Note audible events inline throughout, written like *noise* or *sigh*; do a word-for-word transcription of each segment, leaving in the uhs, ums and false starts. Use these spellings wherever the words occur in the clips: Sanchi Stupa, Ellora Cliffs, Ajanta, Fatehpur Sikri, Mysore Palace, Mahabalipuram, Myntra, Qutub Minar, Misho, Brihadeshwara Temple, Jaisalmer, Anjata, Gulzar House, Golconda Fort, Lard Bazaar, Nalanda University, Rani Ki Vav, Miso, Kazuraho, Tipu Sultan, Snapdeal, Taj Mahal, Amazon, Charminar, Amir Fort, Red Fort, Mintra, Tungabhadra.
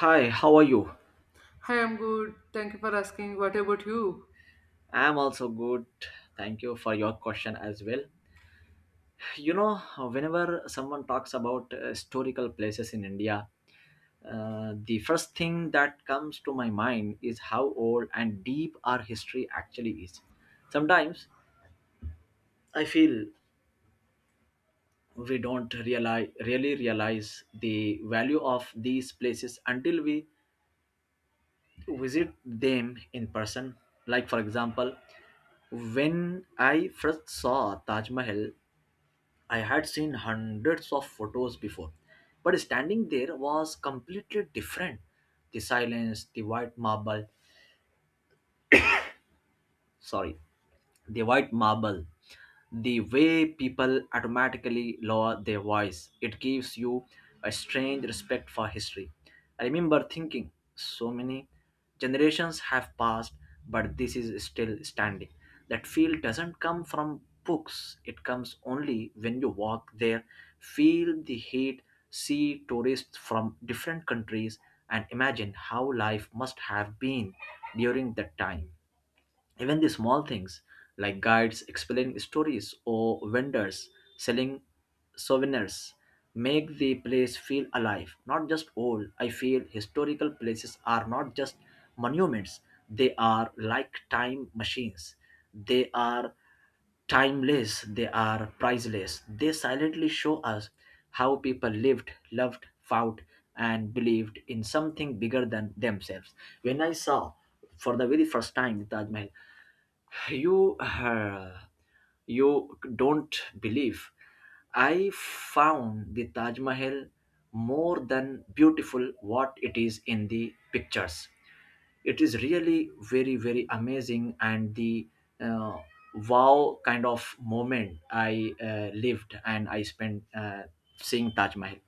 Hi, how are you? Hi, I'm good. Thank you for asking. What about you? I'm also good. Thank you for your question as well. You know, whenever someone talks about uh, historical places in India, uh, the first thing that comes to my mind is how old and deep our history actually is. Sometimes I feel we don't realize, really realize the value of these places until we visit them in person. Like, for example, when I first saw Taj Mahal I had seen hundreds of photos before, but standing there was completely different. The silence, the white marble, sorry, the white marble, the way people automatically lower their voice. It gives you a strange respect for history. I remember thinking, so many generations have passed, but this is still standing. That feel doesn't come from books, it comes only when you walk there, feel the heat, see tourists from different countries, and imagine how life must have been during that time. Even the small things like guides explaining stories or vendors selling souvenirs make the place feel alive, not just old. I feel historical places are not just monuments, they are like time machines. They are timeless, they are priceless. They silently show us how people lived, loved, fought, and believed in something bigger than themselves. When I saw for the very first time the Taj Mahal, you, uh, you don't believe. I found the Taj Mahal more than beautiful what it is in the pictures. It is really very very amazing and the uh, wow kind of moment I uh, lived and I spent uh, seeing Taj Mahal.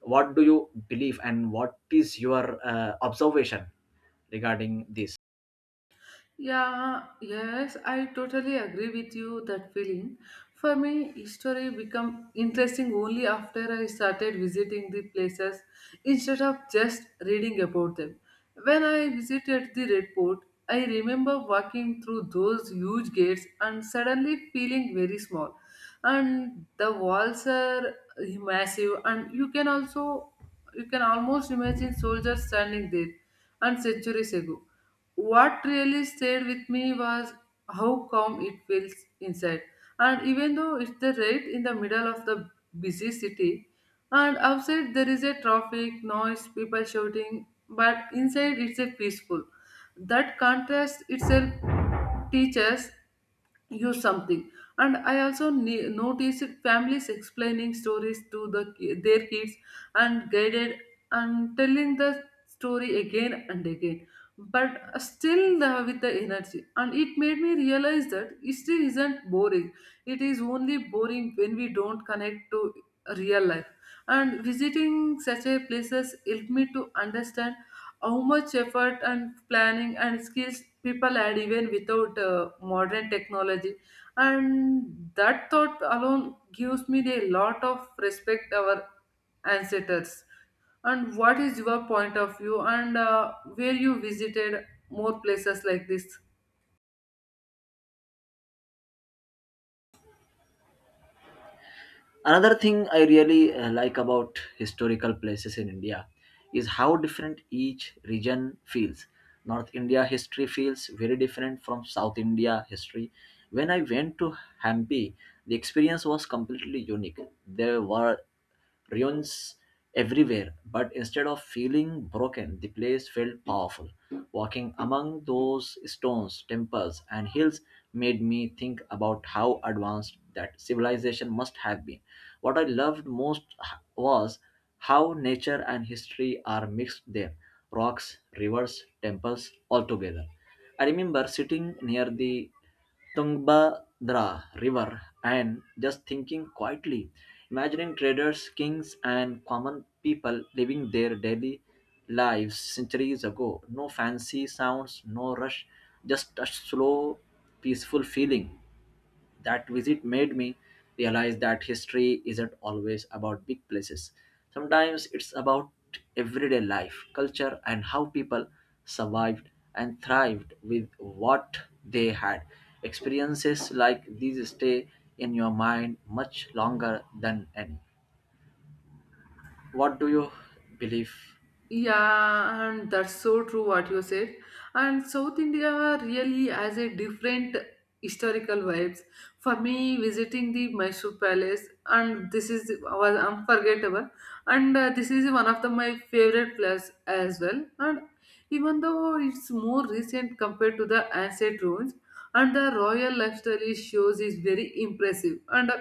What do you believe and what is your uh, observation regarding this? Yeah, yes, I totally agree with you that feeling. For me, history become interesting only after I started visiting the places instead of just reading about them. When I visited the Red Fort, I remember walking through those huge gates and suddenly feeling very small. And the walls are massive and you can also you can almost imagine soldiers standing there and centuries ago, what really stayed with me was how calm it feels inside. And even though it's the right in the middle of the busy city, and outside there is a traffic, noise, people shouting, but inside it's a peaceful. That contrast itself teaches use something. And i also ne- noticed families explaining stories to the ki- their kids and guided and telling the story again and again, but still the- with the energy, and it made me realize that history isn't boring. It is only boring when we don't connect to real life. And visiting such a places helped me to understand how much effort and planning and skills people had even without uh, modern technology. And that thought alone gives me a lot of respect our ancestors. And what is your point of view, and uh, where you visited more places like this? Another thing I really uh, like about historical places in India is how different each region feels. North India history feels very different from South India history. When I went to Hampi, the experience was completely unique. There were ruins everywhere, but instead of feeling broken, the place felt powerful. Walking among those stones, temples, and hills made me think about how advanced that civilization must have been. What I loved most was how nature and history are mixed there rocks, rivers, temples, all together. I remember sitting near the Tungabhadra River and just thinking quietly, imagining traders, kings, and common people living their daily lives centuries ago. No fancy sounds, no rush, just a slow, peaceful feeling. That visit made me realize that history isn't always about big places. Sometimes it's about everyday life, culture, and how people survived and thrived with what they had. Experiences like these stay in your mind much longer than any. What do you believe? Yeah, and that's so true what you said. And South India really has a different historical vibes. For me, visiting the Mysore Palace, and this is was unforgettable. And uh, this is one of the my favorite place as well. And even though it's more recent compared to the ancient ruins, and the royal lifestyle it shows is very impressive. And uh,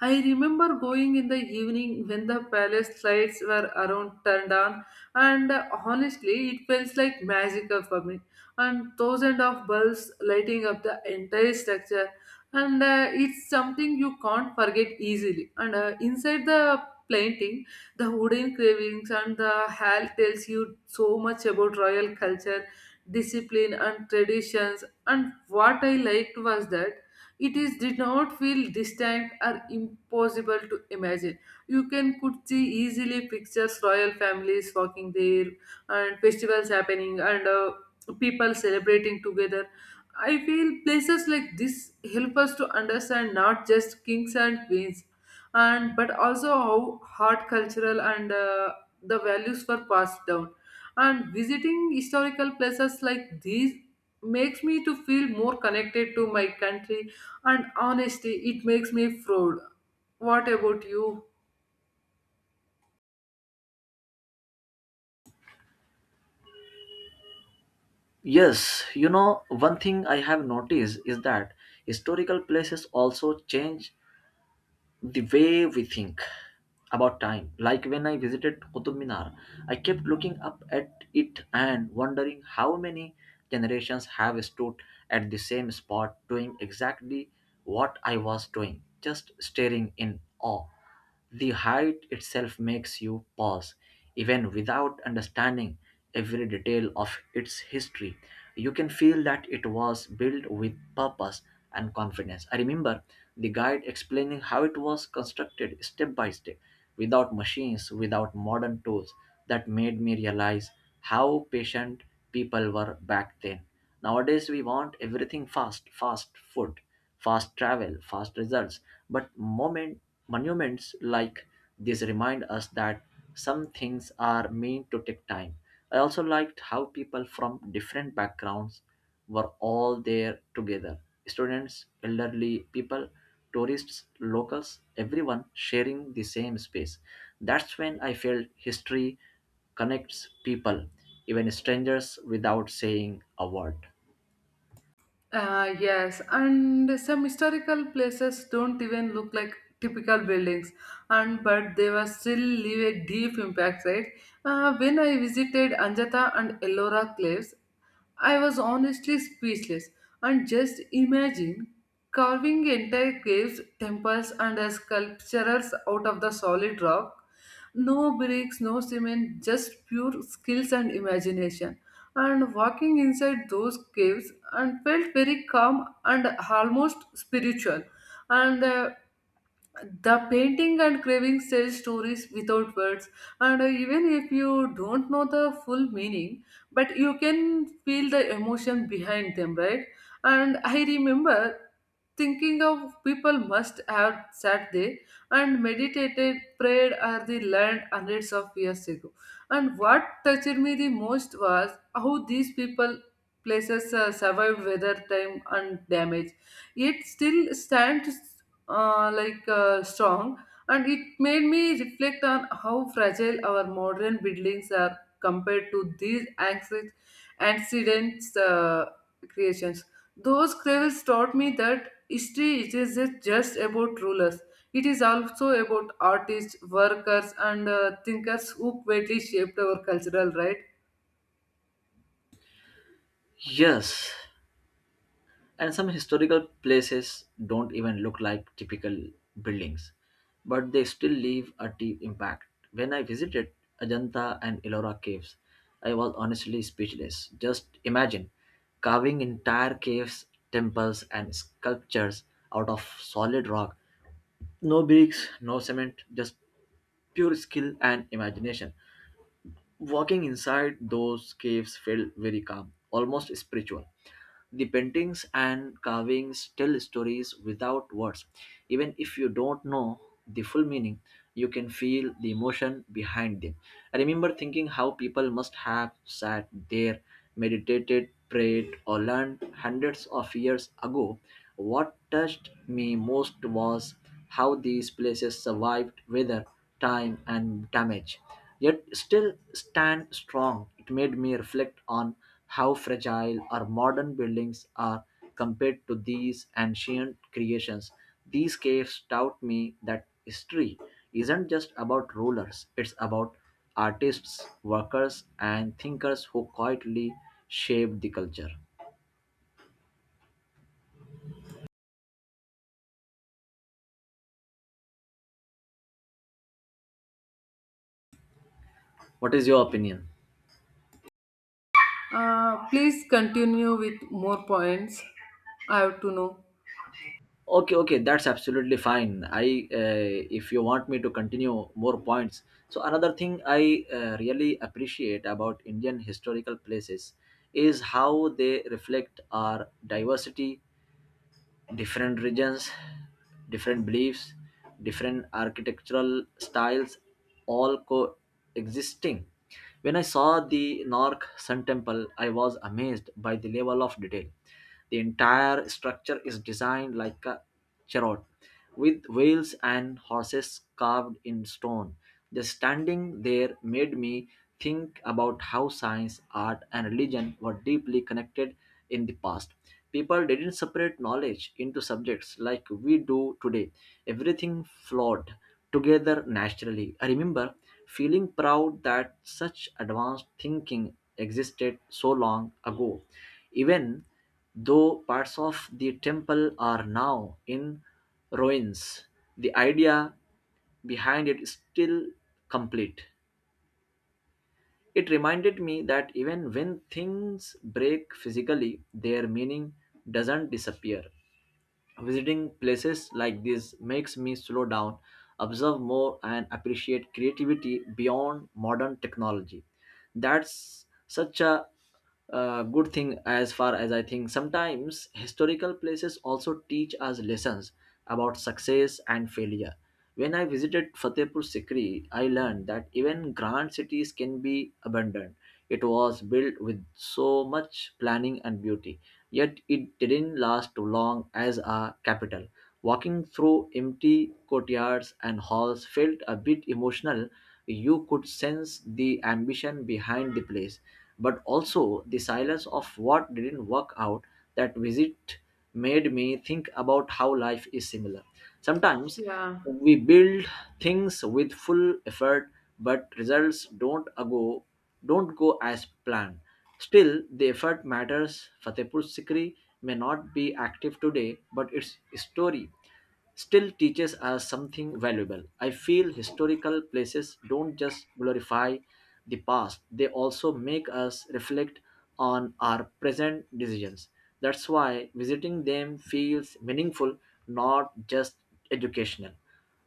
I remember going in the evening when the palace lights were around turned on, and uh, honestly, it felt like magical for me. And thousands of bulbs lighting up the entire structure, and uh, it's something you can't forget easily. And uh, inside the painting, the wooden carvings and the hall tells you so much about royal culture, discipline, and traditions. And what I liked was that it is did not feel distant or impossible to imagine. You can could see easily pictures, royal families walking there, and festivals happening, and uh, people celebrating together. I feel places like this help us to understand not just kings and queens, and but also how hard cultural and uh, the values were passed down. And visiting historical places like these makes me to feel more connected to my country, and honestly, it makes me proud. What about you? Yes, you know, one thing I have noticed is that historical places also change the way we think about time. Like when I visited Qutub Minar, I kept looking up at it and wondering how many generations have stood at the same spot doing exactly what I was doing, just staring in awe. The height itself makes you pause, even without understanding every detail of its history. You can feel that it was built with purpose and confidence. I remember the guide explaining how it was constructed step by step, without machines, without modern tools. That made me realize how patient people were back then. Nowadays, we want everything fast, fast food fast travel, fast results. But moment, monuments like this remind us that some things are meant to take time. I also liked how people from different backgrounds were all there together students, elderly people, tourists, locals, everyone sharing the same space. That's when I felt history connects people, even strangers, without saying a word. Uh, yes, and some historical places don't even look like typical buildings, and but they were still leave a deep impact, right? Uh, when I visited Anjata and Ellora Cliffs, I was honestly speechless and just imagine carving entire caves, temples, and sculptures out of the solid rock. No bricks, no cement, just pure skills and imagination. And walking inside those caves and felt very calm and almost spiritual. And uh, the painting and cravings tell stories without words, and uh, even if you don't know the full meaning, but you can feel the emotion behind them, right? And I remember thinking of people must have sat there and meditated, prayed, or they learned hundreds of years ago. And what touched me the most was how these people places uh, survived weather, time, and damage. It still stands uh, like uh, strong, and it made me reflect on how fragile our modern buildings are compared to these ancient accidents uh, creations. Those cravels taught me that history it is just about rulers. It is also about artists, workers, and uh, thinkers who greatly shaped our cultural, right. Yes, and some historical places don't even look like typical buildings but they still leave a deep impact when I visited Ajanta and Ellora caves I was honestly speechless just imagine carving entire caves temples and sculptures out of solid rock no bricks no cement just pure skill and imagination. Walking inside those caves felt very calm, almost spiritual. The paintings and carvings tell stories without words. Even if you don't know the full meaning, you can feel the emotion behind them. I remember thinking how people must have sat there, meditated, prayed, or learned hundreds of years ago. What touched me most was how these places survived weather, time, and damage, yet still stand strong. It made me reflect on how fragile our modern buildings are compared to these ancient creations. These caves taught me that history isn't just about rulers, it's about artists, workers, and thinkers who quietly shaped the culture. What is your opinion? Uh, please continue with more points. I have to know. okay okay that's absolutely fine. I uh, if you want me to continue more points, so another thing I uh, really appreciate about Indian historical places is how they reflect our diversity different regions different beliefs different architectural styles all coexisting when I saw the Nork Sun temple I was amazed by the level of detail. The entire structure is designed like a Charot, with wheels and horses carved in stone. Just standing there made me think about how science, art, and religion were deeply connected in the past. People didn't separate knowledge into subjects like we do today. Everything flowed together naturally. I remember feeling proud that such advanced thinking existed so long ago. Even though parts of the temple are now in ruins, the idea behind it is still complete. It reminded me that even when things break physically, their meaning doesn't disappear. Visiting places like this makes me slow down, observe more, and appreciate creativity beyond modern technology. That's such a uh, good thing as far as I think. Sometimes historical places also teach us lessons about success and failure. When I visited Fatehpur Sikri, I learned that even grand cities can be abandoned. It was built with so much planning and beauty, yet it didn't last too long as a capital. Walking through empty courtyards and halls felt a bit emotional. You could sense the ambition behind the place, but also the silence of what didn't work out. That visit made me think about how life is similar. Sometimes Yeah. we build things with full effort but results don't go don't go as planned, still the effort matters. Fatehpur Sikri may not be active today but its story still teaches us something valuable. I feel historical places don't just glorify the past, they also make us reflect on our present decisions. That's why visiting them feels meaningful, not just educational.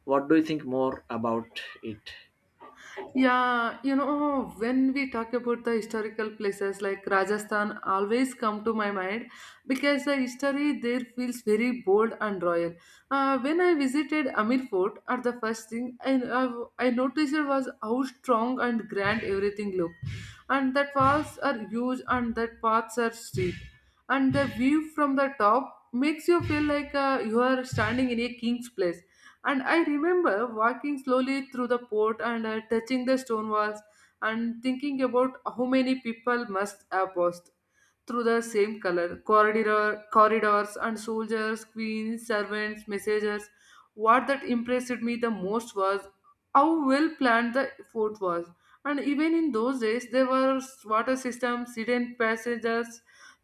What do you think more about it? Yeah, you know, when we talk about the historical places like Rajasthan always come to my mind because the history there feels very bold and royal. Uh, when I visited Amir Fort, at the first thing I, I, I noticed was how strong and grand everything looked. And that walls are huge and that paths are steep. And the view from the top makes you feel like uh, you are standing in a king's place. And I remember walking slowly through the port and uh, touching the stone walls, and thinking about how many people must have passed through the same color corridor corridors, and soldiers, queens, servants, messengers. What that impressed me the most was how well planned the fort was. And even in those days there were water systems, hidden passages,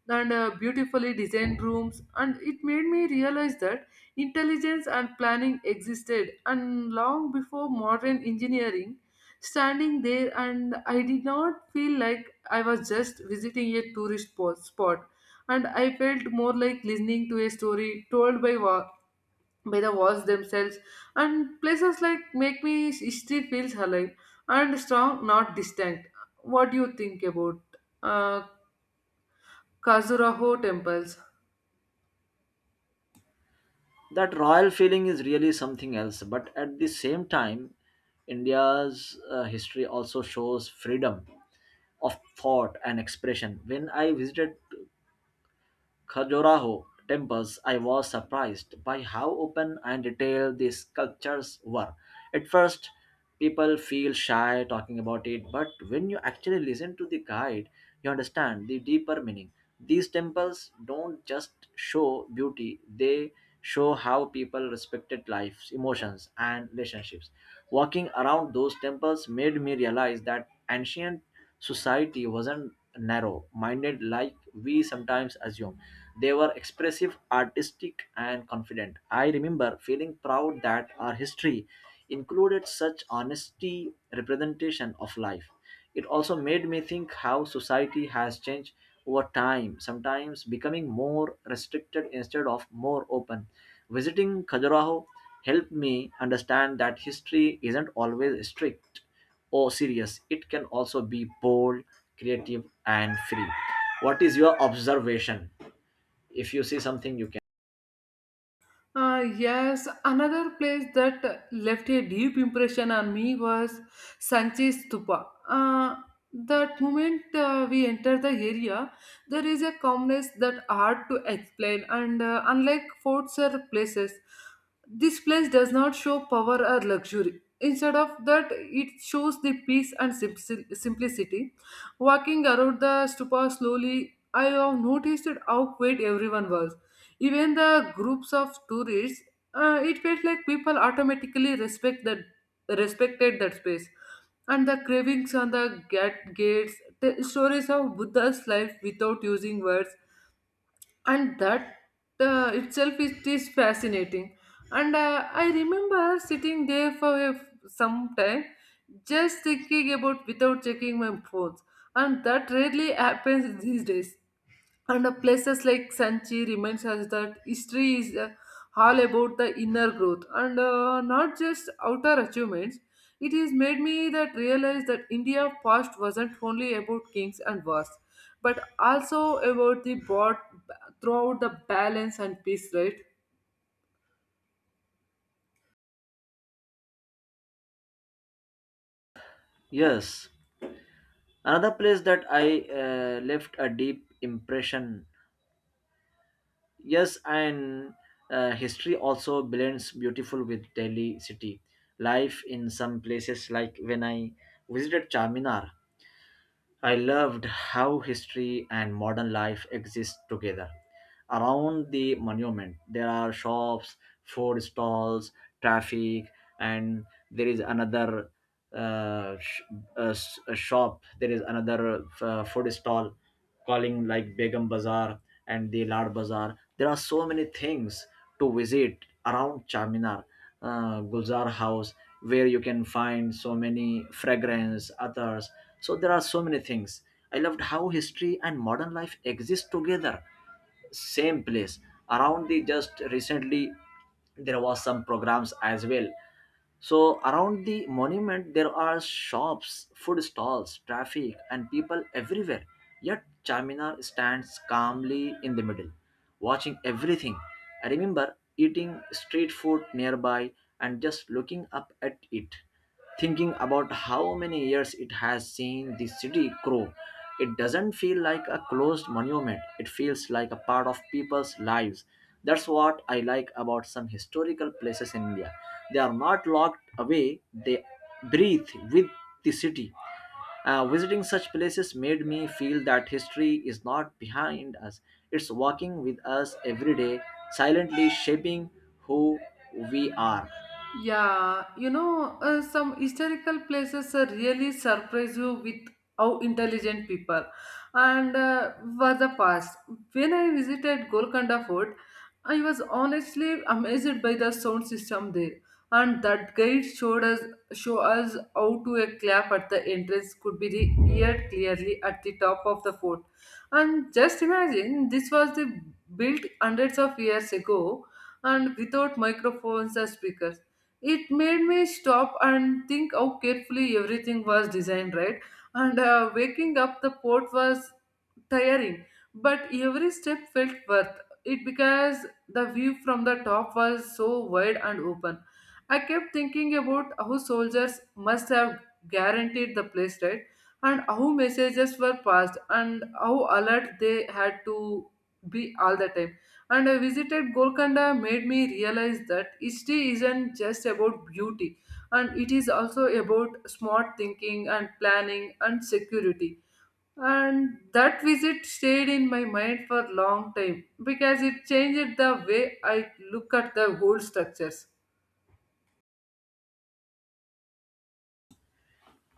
and uh, beautifully designed rooms. And it made me realize that intelligence and planning existed and long before modern engineering. Standing there, and I did not feel like I was just visiting a tourist po- spot, and I felt more like listening to a story told by wa- by the walls themselves. And places like make me history feels alive and strong, not distant. What do you think about uh, kazuraho temples? That royal feeling is really something else, but at the same time, India's uh, history also shows freedom of thought and expression. When I visited Khajuraho temples, I was surprised by how open and detailed the sculptures were. At first, people feel shy talking about it, but when you actually listen to the guide, you understand the deeper meaning. These temples don't just show beauty, they show how people respected lives, emotions, and relationships. Walking around those temples made me realize that ancient society wasn't narrow minded like we sometimes assume. They were expressive, artistic, and confident. I remember feeling proud that our history included such honesty representation of life. It also made me think how society has changed over time, sometimes becoming more restricted instead of more open. Visiting Khajuraho helped me understand that history isn't always strict or serious. It can also be bold, creative, and free. What is your observation? If you see something you can Uh, yes, another place that left a deep impression on me was Sanchi Stupa. Uh, that moment uh, we enter the area, there is a calmness that hard to explain, and uh, unlike forts or places, this place does not show power or luxury. Instead of that, it shows the peace and simp- simplicity. Walking around the stupa slowly, I have noticed how quiet everyone was, even the groups of tourists. Uh, it felt like people automatically respect that respected that space, and the cravings on the gate gates, the stories of Buddha's life without using words, and that uh, itself is is fascinating. And uh, I remember sitting there for a, some time, just thinking about without checking my phones, and that rarely happens *laughs* these days. And uh, places like Sanchi reminds us that history is uh, all about the inner growth and uh, not just outer achievements. It has made me that realize that India past wasn't only about kings and wars, but also about the broad throughout the balance and peace, right? yes another place that I uh, left a deep impression yes and uh, history also blends beautiful with Delhi city life in some places like when I visited Charminar I loved how history and modern life exist together. Around the monument, there are shops, food stalls, traffic, and there is another uh, sh- uh, s- a shop. There is another uh, food stall calling like Begum Bazaar and the Lard Bazaar. There are so many things to visit around Charminar, uh, Gulzar House, where you can find so many fragrance, others. So there are so many things. I loved how history and modern life exist together same place around the just recently there was some programs as well so around the monument there are shops food stalls traffic and people everywhere yet Charminar stands calmly in the middle watching everything. I remember eating street food nearby and just looking up at it thinking about how many years it has seen the city grow. It doesn't feel like a closed monument, it feels like a part of people's lives. That's what I like about some historical places in India. They are not locked away, they breathe with the city. Uh, visiting such places made me feel that history is not behind us, it's walking with us every day, silently shaping who we are. Yeah, you know, uh, some historical places uh, really surprise you with how intelligent people and uh, was the past. When I visited Golconda Fort, I was honestly amazed by the sound system there, and that guide showed us show us how to a clap at the entrance could be re- heard clearly at the top of the fort. And just imagine this was the built hundreds of years ago, and without microphones or speakers, it made me stop and think how carefully everything was designed, right? And uh, waking up the port was tiring, but every step felt worth it because the view from the top was so wide and open. I kept thinking about how soldiers must have guaranteed the place, right? And how messages were passed and how alert they had to be all the time. And I visited Golconda made me realize that history isn't just about beauty, and it is also about smart thinking and planning and security. And that visit stayed in my mind for a long time because it changed the way I look at the whole structures.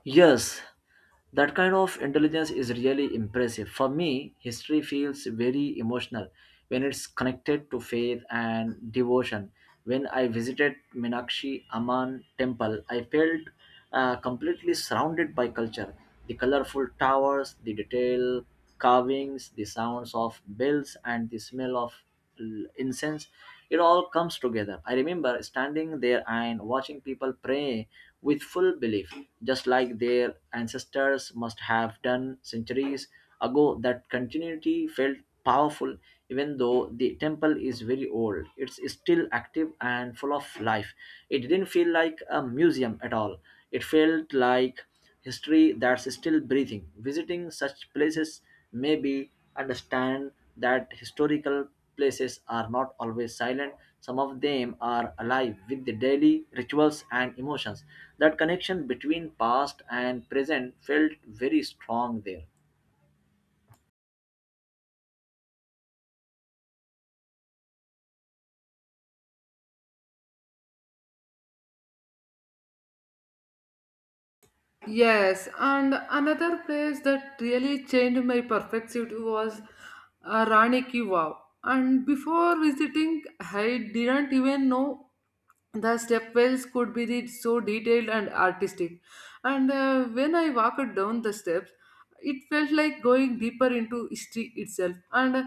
Yes, that kind of intelligence is really impressive. For me, history feels very emotional when it's connected to faith and devotion. When I visited Minakshi Amman temple, I felt uh, completely surrounded by culture. The colorful towers, the detail carvings, the sounds of bells, and the smell of l- incense. It all comes together. I remember standing there and watching people pray with full belief, just like their ancestors must have done centuries ago. That continuity felt powerful, even though the temple is very old. It's still active and full of life. It didn't feel like a museum at all. It felt like history that's still breathing. Visiting such places may be understand that historical places are not always silent. Some of them are alive with the daily rituals and emotions. That connection between past and present felt very strong there. Yes, and another place that really changed my perspective was uh, Rani Ki Vav. And before visiting, I didn't even know the stepwells could be de- so detailed and artistic. And uh, when I walked down the steps, it felt like going deeper into history itself. And uh,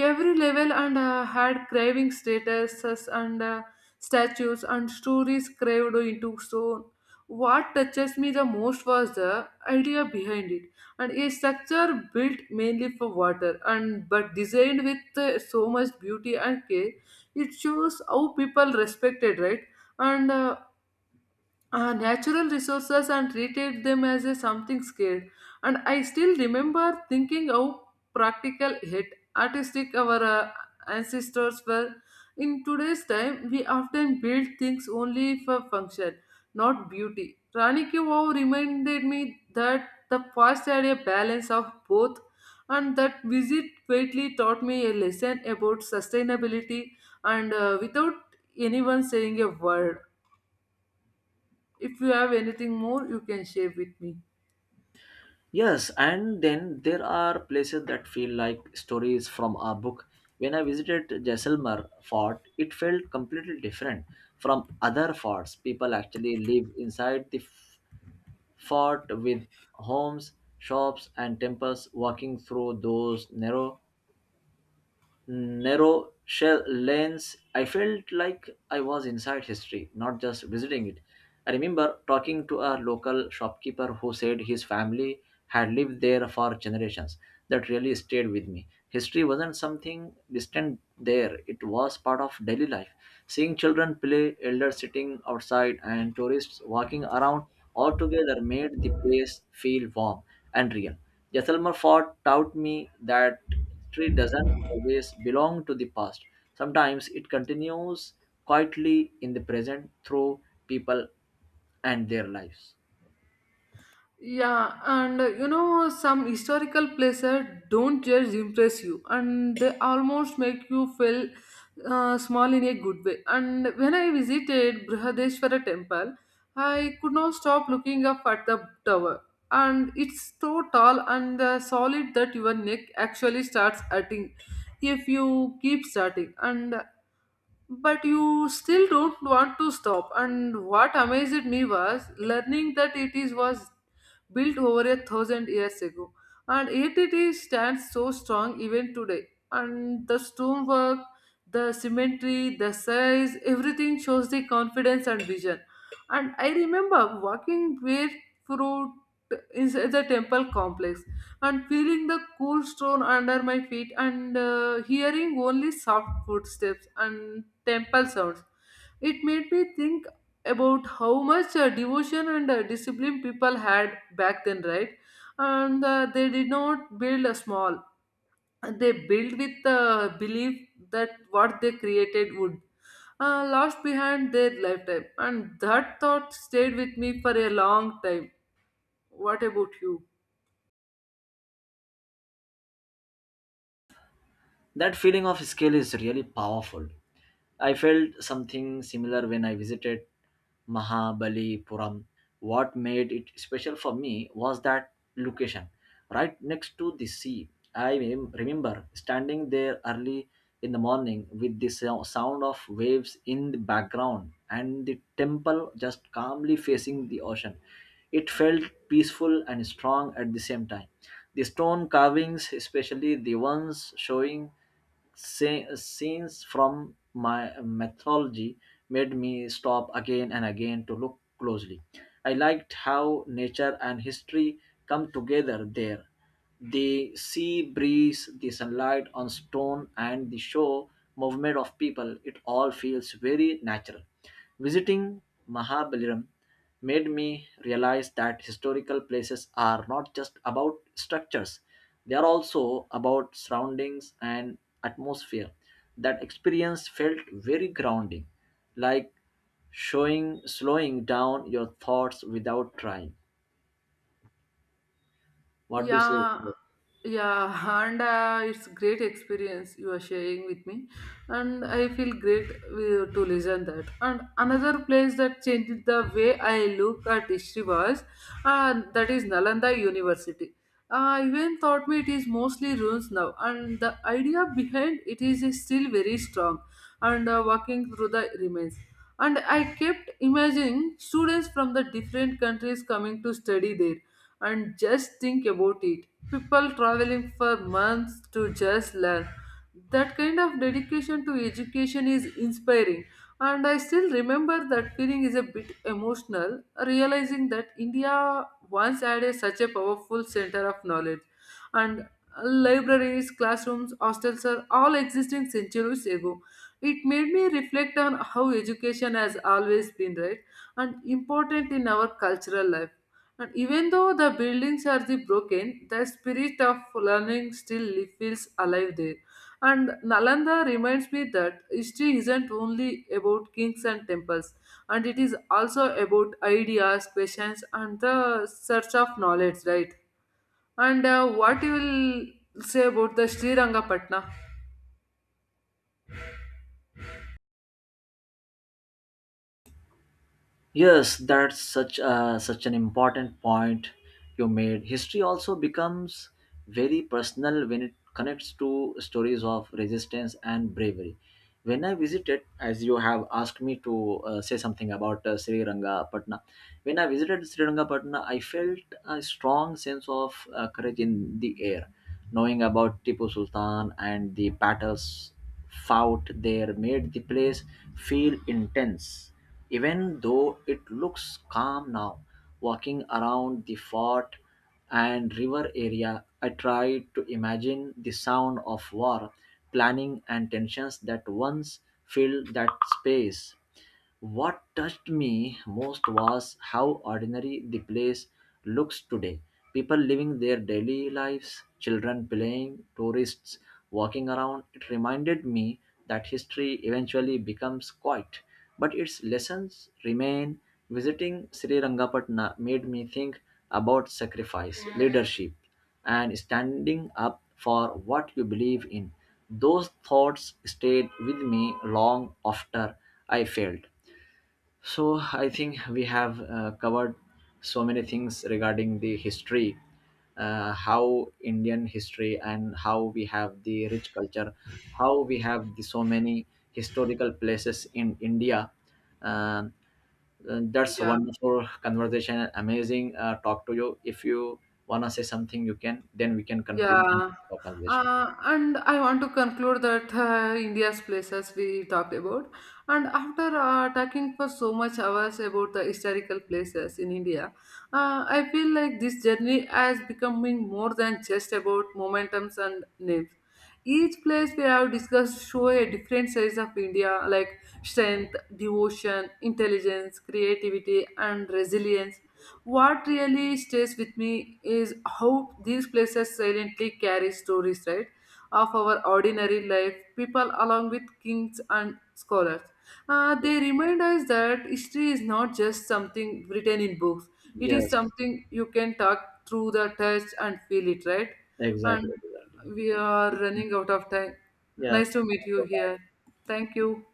every level and uh, had craving statuses and uh, statues and stories carved into stone. What touches me the most was the idea behind it, and a structure built mainly for water, and but designed with uh, so much beauty and care. It shows how people respected, right? And uh, uh, natural resources and treated them as a something scared. And I still remember thinking how practical yet artistic our uh, ancestors were. In today's time, we often build things only for function, not beauty. Rani Ki Vav reminded me that the past had a balance of both, and that visit greatly taught me a lesson about sustainability and uh, without anyone saying a word. If you have anything more, you can share with me. Yes, and then there are places that feel like stories from a book. When I visited Jaisalmer fort, it felt completely different from other forts. People actually live inside the f- fort with homes, shops, and temples. Walking through those narrow narrow shell lanes, I felt like I was inside history, not just visiting it. I remember talking to a local shopkeeper who said his family had lived there for generations. That really stayed with me. History wasn't something distant there, it was part of daily life. Seeing children play, elders sitting outside, and tourists walking around all together made the place feel warm and real. Jaisalmer Fort taught me that history doesn't always belong to the past. Sometimes it continues quietly in the present through people and their lives. Yeah, and uh, you know, some historical places don't just impress you, and they almost make you feel uh, small in a good way. And when I visited brihadeshwara temple, I could not stop looking up at the tower. And it's so tall and uh, solid that your neck actually starts hurting if you keep starting, and but you still don't want to stop. And what amazed me was learning that it is was built over a thousand years ago, and yet it is stands so strong even today. And the stonework, the symmetry, the size, everything shows the confidence and vision. And I remember walking barefoot inside the temple complex and feeling the cool stone under my feet and uh, hearing only soft footsteps and temple sounds. It made me think about how much uh, devotion and uh, discipline people had back then, right? And uh, they did not build a small. They built with the belief that what they created would uh, last behind their lifetime. And that thought stayed with me for a long time. What about you? That feeling of scale is really powerful. I felt something similar when I visited Mahabalipuram. What made it special for me was that location, right next to the sea. I rem- remember standing there early in the morning with the sou- sound of waves in the background and the temple just calmly facing the ocean. It felt peaceful and strong at the same time. The stone carvings, especially the ones showing sce- scenes from my mythology, made me stop again and again to look closely. I liked how nature and history come together there. The sea breeze, the sunlight on stone, and the show movement of people, it all feels very natural. Visiting Mahabalipuram made me realize that historical places are not just about structures, they are also about surroundings and atmosphere. That experience felt very grounding, like showing slowing down your thoughts without trying. What do you say? Yeah, yeah, and uh, it's great experience you are sharing with me, and I feel great wi- to listen that. And another place that changed the way I look at history was, uh, that is Nalanda University. I even thought me it is mostly ruins now, and the idea behind it is still very strong. And uh, walking through the remains, and I kept imagining students from the different countries coming to study there, and just think about it, people traveling for months to just learn. That kind of dedication to education is inspiring. And I still remember that feeling is a bit emotional, realizing that India once had a, such a powerful center of knowledge. And libraries, classrooms, hostels are all existing centuries ago. It made me reflect on how education has always been right and important in our cultural life. And even though the buildings are the broken, the spirit of learning still li- feels alive there. And nalanda reminds me that history isn't only about kings and temples, and it is also about ideas, questions, and the search of knowledge, right? And uh, what you will say about the srirangapatna? Yes, that's such a, such an important point you made. History also becomes very personal when it connects to stories of resistance and bravery. When I visited, as you have asked me to uh, say something about uh, Sri Rangapatna, when I visited Sri Rangapatna, I felt a strong sense of uh, courage in the air, knowing about Tipu Sultan and the battles fought there made the place feel intense, even though it looks calm now. Walking around the fort and river area, I tried to imagine the sound of war, planning, and tensions that once filled that space. What touched me most was how ordinary the place looks today. People living their daily lives, children playing, tourists walking around. It reminded me that history eventually becomes quiet, but its lessons remain. Visiting Sri Rangapatna made me think about sacrifice, leadership, and standing up for what you believe in. Those thoughts stayed with me long after I failed. So I think we have uh, covered so many things regarding the history, uh, how Indian history and how we have the rich culture, how we have the so many historical places in India. Um, uh, that's Yeah. wonderful conversation. Amazing uh, talk to you. If you wanna say something, you can. Then we can conclude Yeah. the conversation. Uh, and I want to conclude that uh, India's places we talked about. And after uh, talking for so much hours about the historical places in India, uh, I feel like this journey has becoming more than just about momentums and names. Each place we have discussed show a different size of India, like strength, devotion, intelligence, creativity, and resilience. What really stays with me is how these places silently carry stories, right, of our ordinary life, people along with kings and scholars. Uh, they remind us that history is not just something written in books, it is Yes, something you can talk through the touch and feel it, right? exactly. And Exactly. we are running out of time. Yeah. Nice to meet you here. Thank you.